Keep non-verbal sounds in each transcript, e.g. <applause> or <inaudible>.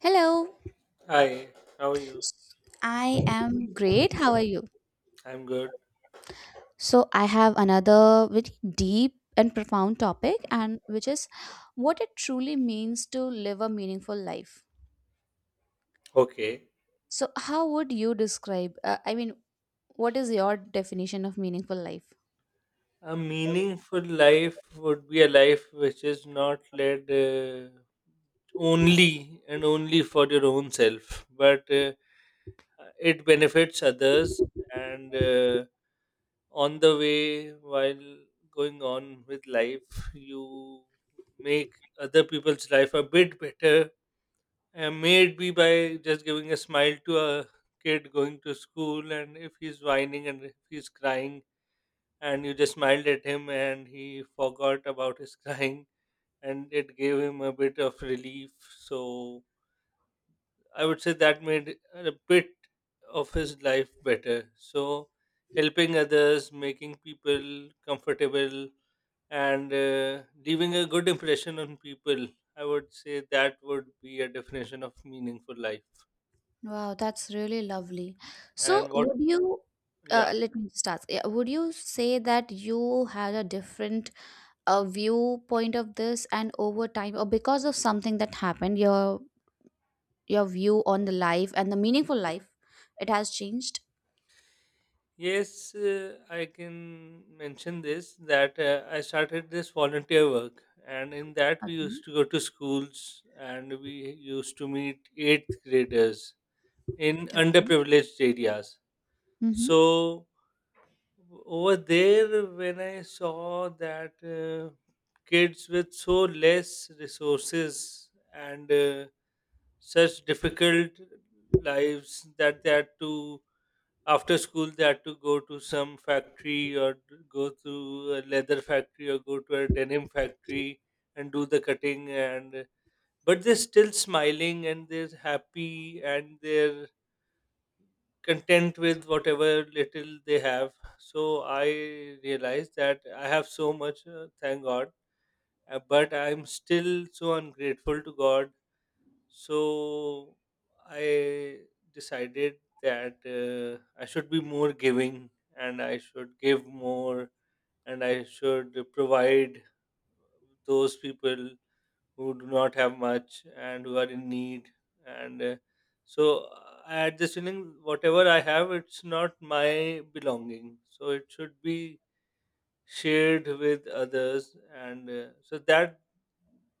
Hello, Hi, how are you? I am great. How are you? I'm good. So, I have another very deep and profound topic, and which is what it truly means to live a meaningful life. Okay. So, how would you describe? What is your definition of meaningful life? A meaningful life would be a life which is not led only and only for your own self, but it benefits others. And on the way, while going on with life, you make other people's life a bit better. And may it be by just giving a smile to a kid going to school, and if he's whining and if he's crying and you just smiled at him and he forgot about his <laughs> crying, and it gave him a bit of relief. So I would say that made a bit of his life better. So helping others, making people comfortable, and leaving a good impression on people, I would say that would be a definition of meaningful life. Wow, that's really lovely. So, And what? would you? Yeah. Let me just ask. Yeah, would you say that you had a different viewpoint of this, and over time, or because of something that happened, your view on the life and the meaningful life it has changed. Yes, I can mention this that I started this volunteer work, and in that we used Okay. to go to schools, and we used to meet eighth graders in Okay. underprivileged areas. Mm-hmm. So, over there, when I saw that kids with so less resources and such difficult lives that they had to after school they had to go to some factory or go to a leather factory or go to a denim factory and do the cutting. And but they're still smiling and they're happy and they're content with whatever little they have. So I realized that I have so much, thank God. But I'm still so ungrateful to God. So I decided that I should be more giving, and I should give more, and I should provide those people who do not have much and who are in need. And so I had this feeling whatever I have, it's not my belonging. So it should be shared with others. And so that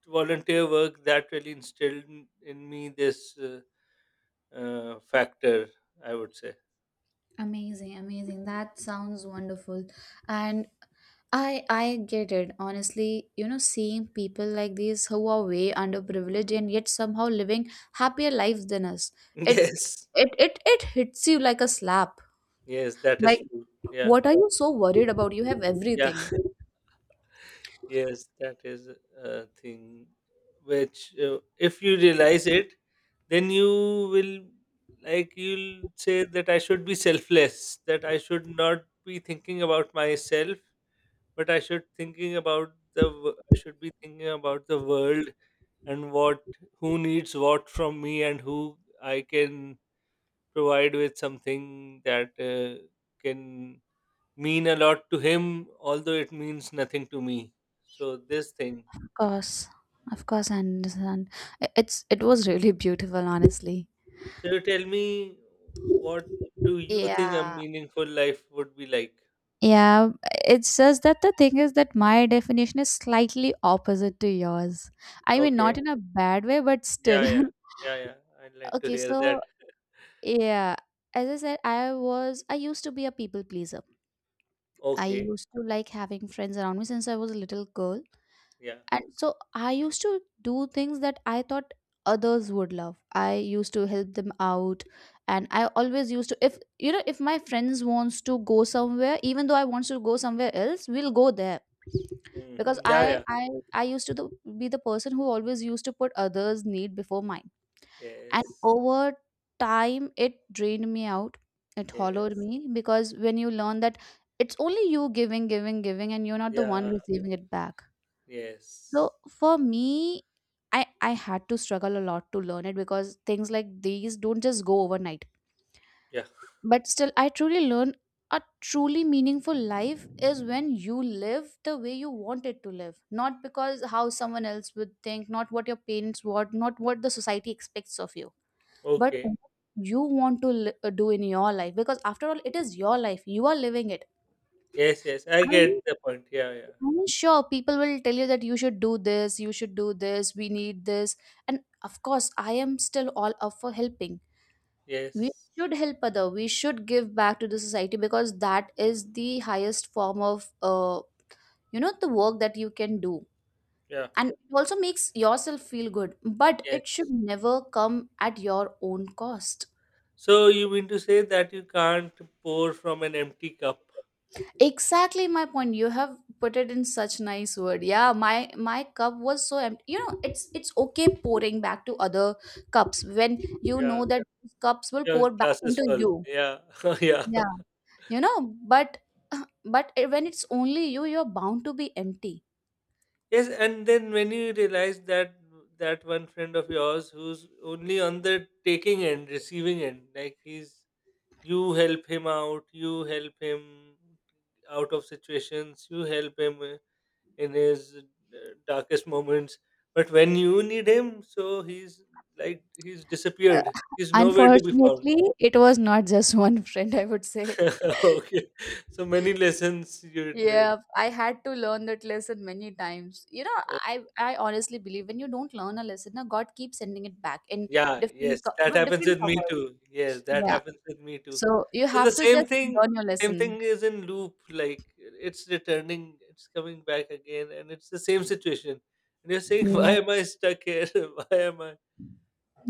volunteer work, that really instilled in me this factor, I would say. Amazing, amazing. That sounds wonderful. And I get it. Honestly, you know, seeing people like these who are way underprivileged and yet somehow living happier lives than us. <laughs> It Yes, it hits you like a slap. yes, that is Like, true. Yeah, what are you so worried about? You have yeah. everything. <laughs> Yes, that is a thing which, if you realize it, then you will like, you'll say that I should be selfless, that I should not be thinking about myself, but I should thinking about the I should be thinking about the world and what who needs what from me and who I can provide with something that can mean a lot to him, although it means nothing to me. So this thing. Of course, of course, I understand. It's it was really beautiful, honestly. So you tell me, what do you think a Yeah, meaningful life would be like? yeah. It's just that the thing is that my definition is slightly opposite to yours. I mean, Okay. not in a bad way, but still. Yeah, yeah, <laughs> yeah, yeah. I'd like to Okay, hear that. so yeah, as I said, I used to be a people pleaser. I Okay. used to like having friends around me since I was a little girl. Yeah. And so I used to do things that I thought others would love. I used to help them out, and I always used to, if you know, if my friends wants to go somewhere even though I wants to go somewhere else, we'll go there. Because Hmm. Yeah, I yeah. I I used to be the person who always used to put others need before mine. And Yes. over time it drained me out. It hollowed Yes. me, because when you learn that it's only you giving giving giving and you're not the one Yeah. receiving it back, Yes. so for me, I had to struggle a lot to learn it, because things like these don't just go overnight. Yeah. But still, I truly learn a truly meaningful life is when you live the way you want it to live, not because how someone else would think, not what your parents want, not what the society expects of you, but Okay. what you want to do in your life, because after all it is your life, you are living it. Yes. Yes. I get I the point. Yeah. Yeah. I am sure, people will tell you that you should do this, you should do this, we need this. And of course, I am still all up for helping. We Yes. should help other. We should give back to the society, because that is the highest form of, you know, the work that you can do. Yeah. And it also makes yourself feel good, but it should Yes. never come at your own cost. So you mean to say that you can't pour from an empty cup? Exactly my point. You have put it in such nice word. Yeah, my cup was so empty, you know. It's okay pouring back to other cups when you Yeah. know that those cups will Your pour back glass is into full. you. Yeah. <laughs> Yeah. Yeah, you know, but when it's only you, you're bound to be empty. Yes. And then when you realize that that one friend of yours who's only on the taking end, receiving end, like, he's you help him out, you help him out of situations, you help him in his darkest moments. But when you need him, so he's like he's Uh, disappeared. He's nowhere to be found. unfortunately it was not just <laughs> one friend, I would say. <laughs> Okay, so many <laughs> lessons you'd learn. Yeah, I had to learn that lesson many times. You know, Oh, I honestly believe when you don't learn a lesson, now God keeps sending it back in yeah, yes, that with happens different with me covers. too. Yes, that Yeah. happens with me too. So you So the have to just learn your same lesson. thing is in loop. Like, it's returning, it's coming back again, and it's the same situation. And you're saying, <laughs> why Yeah. am I stuck here? <laughs> Why am I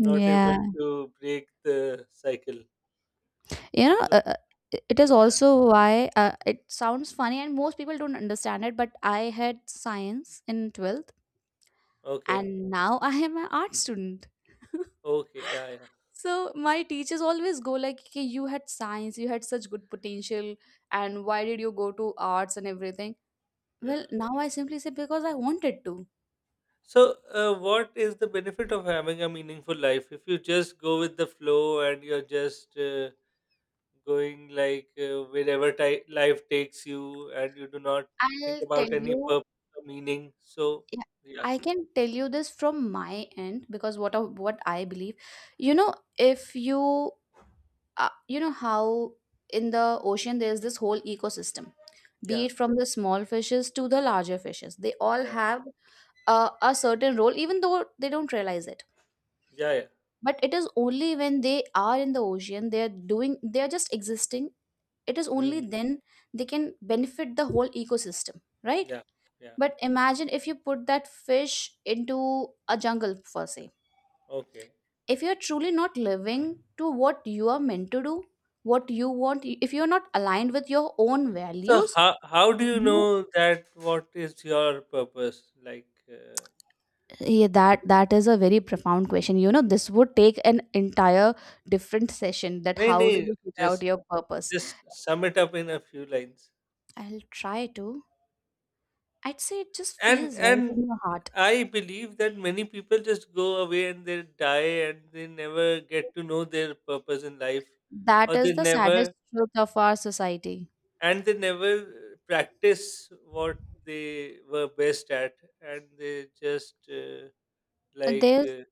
not able to break the cycle? You know, So, uh, uh, it it is yeah. also why it sounds funny and most people don't understand it, but I had science in 12th Okay. and now I am an art student. <laughs> Okay. Yeah. Yeah. So my teachers always go like, "Okay, you had science, you had such good potential, and why did you go to arts and everything? Well, Yeah. now I simply say because I wanted to. So, what is the benefit of having a meaningful life if you just go with the flow and you're just going like wherever ti life takes you and you do not think I'll about tell any you, purpose or meaning? So, yeah, yeah. I can tell you this from my end because what I believe, you know, if you, you know how in the ocean there's this whole ecosystem, be Yeah. it from the small fishes to the larger fishes, they all Yeah. have a certain role, even though they don't realize it. Yeah. Yeah. But it is only when they are in the ocean, they are doing, they are just existing. It is only Hmm. then they can benefit the whole ecosystem, right? Yeah. Yeah. But imagine if you put that fish into a jungle per se. Okay. If you're truly not living to what you are meant to do, what you want, if you're not aligned with your own So, values. how do you You know that what is your purpose? Like, yeah, that that is a very profound question. You know, this would take an entire different session, that nahi, how do nahi, you figure out just your purpose. just sum it up in a few lines. I'll try to. I'd say it just and feels right and in your heart. I believe that many people just go away and they die, and they never get to know their purpose in life, That or is they the saddest never truth of our society. and they never practice what they were best at, and they just Uh, like, There's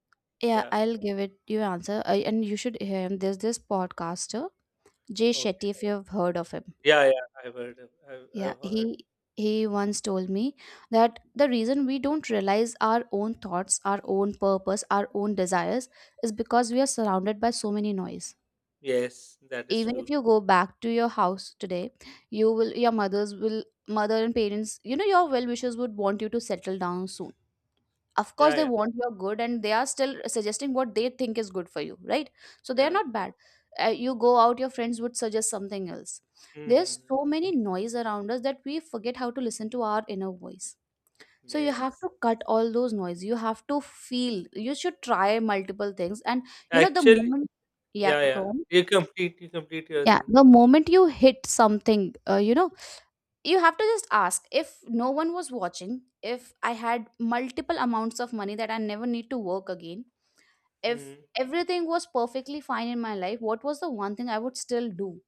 yeah, yeah, I'll give it you answer, and you should hear him. There's this podcaster Jay Shetty, okay, if you've heard of him. yeah, yeah, I've heard of, I've Yeah, I've heard. He once told me that the reason we don't realize our own thoughts, our own purpose, our own desires is because we are surrounded by so many noise. Yes, that is Even true. if you go back to your house today, you will your mother and parents, you know, your well wishers would want you to settle down soon. Of course Yeah, they yeah, want your good and they are still suggesting what they think is good for you, right? So they are yeah. not bad. Uh, you go out, your friends would suggest something else. There's Hmm. so many noise around us that we forget how to listen to our inner voice. So you have Yes. to cut all those noise, you have to feel, you should try multiple things, and you know the Actually, moment, yeah, yeah, yeah, go on. you complete your Yeah, thing. the moment you hit something, you know, you have to just ask, if no one was watching, if I had multiple amounts of money that I never need to work again, if Mm-hmm. everything was perfectly fine in my life, what was the one thing I would still do?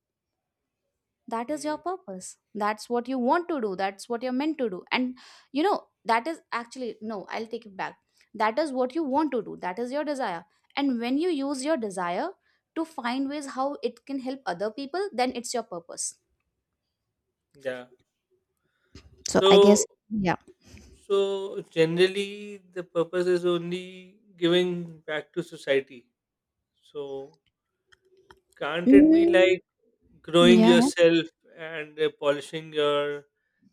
That is your Mm-hmm. purpose. That's what you want to do. That's what you're meant to do. And, you know, that is actually, no, I'll take it back. That is what you want to do. That is your desire. And when you use your desire to find ways how it can help other people, then it's your purpose. Yeah. So I guess So yeah. so generally, the purpose is only giving back to society. So, can't it be like Mm, growing yeah, yeah. yourself and polishing your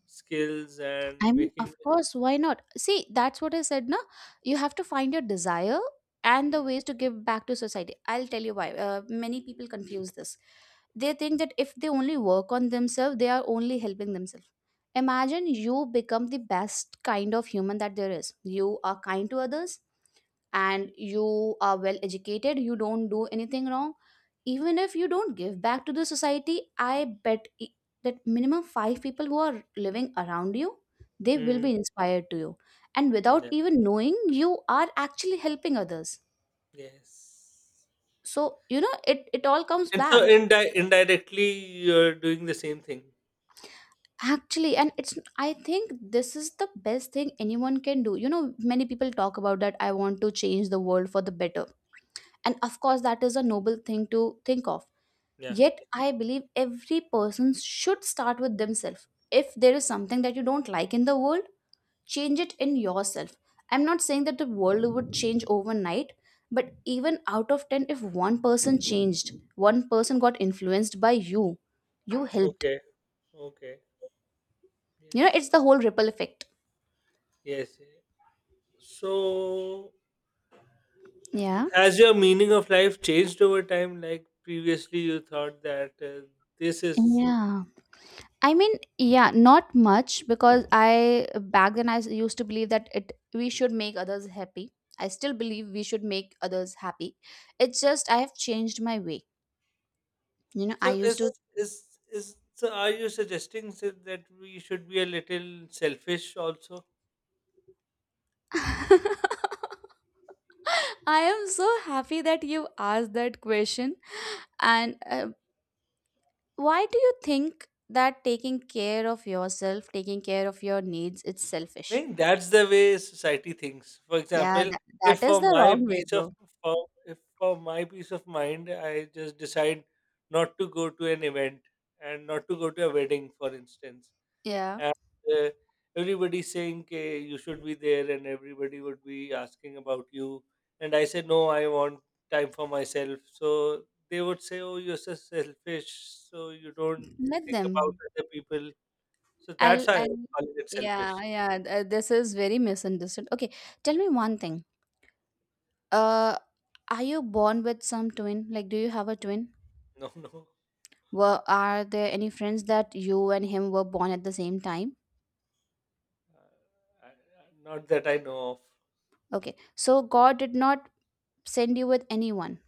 skills I and mean, making of course, why not? See, that's what I said, na. You have to find your desire and the mm, ways to give back to society. I'll tell you why. Many people confuse this. They think that if they only work on themselves, they are only helping themselves. Imagine you become the best kind of human that there is. You are kind to others, and you are well educated, you don't do anything wrong. Even if you don't give back to the society, that minimum 5 people who are living around you, they will mm, be inspired to you, and without yeah. even knowing you are actually helping others. Yes. So you know it it all comes And so back, indirectly, you're doing the same thing. actually. And it's, I think this is the best thing anyone can do. You know, many people talk about that I want to change the world for the better, and of course that is a noble thing to think of. Yeah. Yet, I believe every person should start with themselves. If there is something that you don't like in the world, change it in yourself. I'm not saying that the world would change overnight, but even out of 10, if one person changed, one person got influenced by you, you helped. Okay. Okay. You know, it's Yes. the whole ripple effect. Yes. Yeah. So Yeah. has your meaning of life changed over time? Like, previously, you thought that this is Yeah. I mean, yeah, not much because I back then used to believe that it we should make others happy. I still believe we should make others happy. It's just I have changed my way. You know, so. I used Is to is is so? Are you suggesting so that we should be a little selfish also? <laughs> I am so happy that you asked that question. And Why do you think that taking care of yourself, taking care of your needs, it's I selfish? think that's the way society thinks. For Yeah, example, that, if that is for the my wrong way peace of though. for, if for my peace of mind, I just decide not to go to an event and not to go to a wedding, for instance. Yeah. And uh, everybody saying, okay, you should be there and everybody would be asking about you. And I said, no, I want time for myself. So they would say, oh, you're so selfish, so you don't Let think about them. other people. So that's I'll, why I I'll, call it yeah, selfish. yeah. This is very misunderstood. Okay, tell me one thing. Uh, are you born with some twin? Like, do you have a twin? No. <laughs> No. Were are there any friends that you and him were born at the same time? Not that I know of. Okay, so God did not send you with anyone.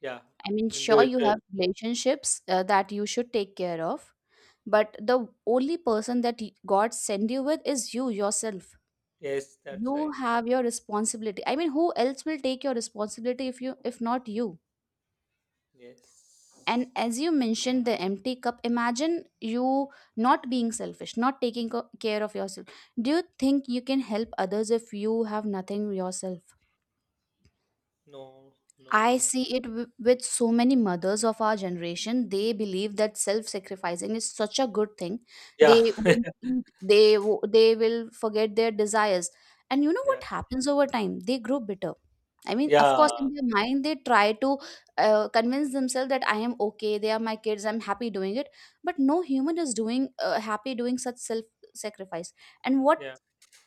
Yeah. I mean, sure, you Individual. have relationships that you should take care of, but the only person that God send you with is you yourself. Yes, that's You right. have your responsibility. I mean, who else will take your responsibility if you if not you? Yes. And as you mentioned the empty cup, imagine you not being selfish, not taking care of yourself, do you think you can help others if you have nothing yourself? No, no I way. see it with so many mothers of our generation. They believe that self-sacrificing is such a good thing. Yeah. They won't <laughs> eat. They will forget their desires. And you know Yeah, what happens over time? They grow bitter. I mean, of yeah, course, in their mind, they try to convince themselves that I am okay. They are my kids. I'm happy doing it. But no human is doing happy doing such self-sacrifice. And what yeah,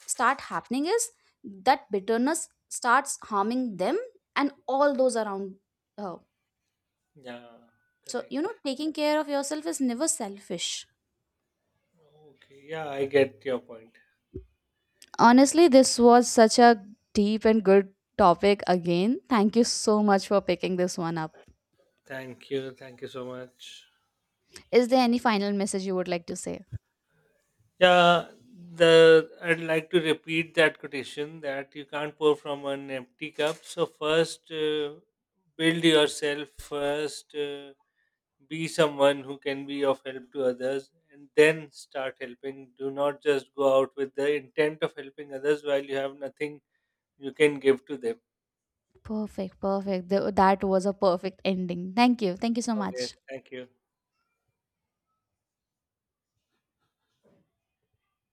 start happening is that bitterness starts harming them and all those around her. yeah, So you know correct. taking care of yourself is never selfish. Okay, yeah, I get your point. Honestly, this was such a deep and good topic again, thank you so much for picking this one up. Thank you so much. Is there any final message you would like to say? Yeah, the I'd like to repeat that quotation that you can't pour from an empty cup. So first, build yourself. First, be someone who can be of help to others, and then start helping. Do not just go out with the intent of helping others while you have nothing you can give to them. Perfect, perfect. That was a perfect ending, thank you, thank you so Okay, much. thank you.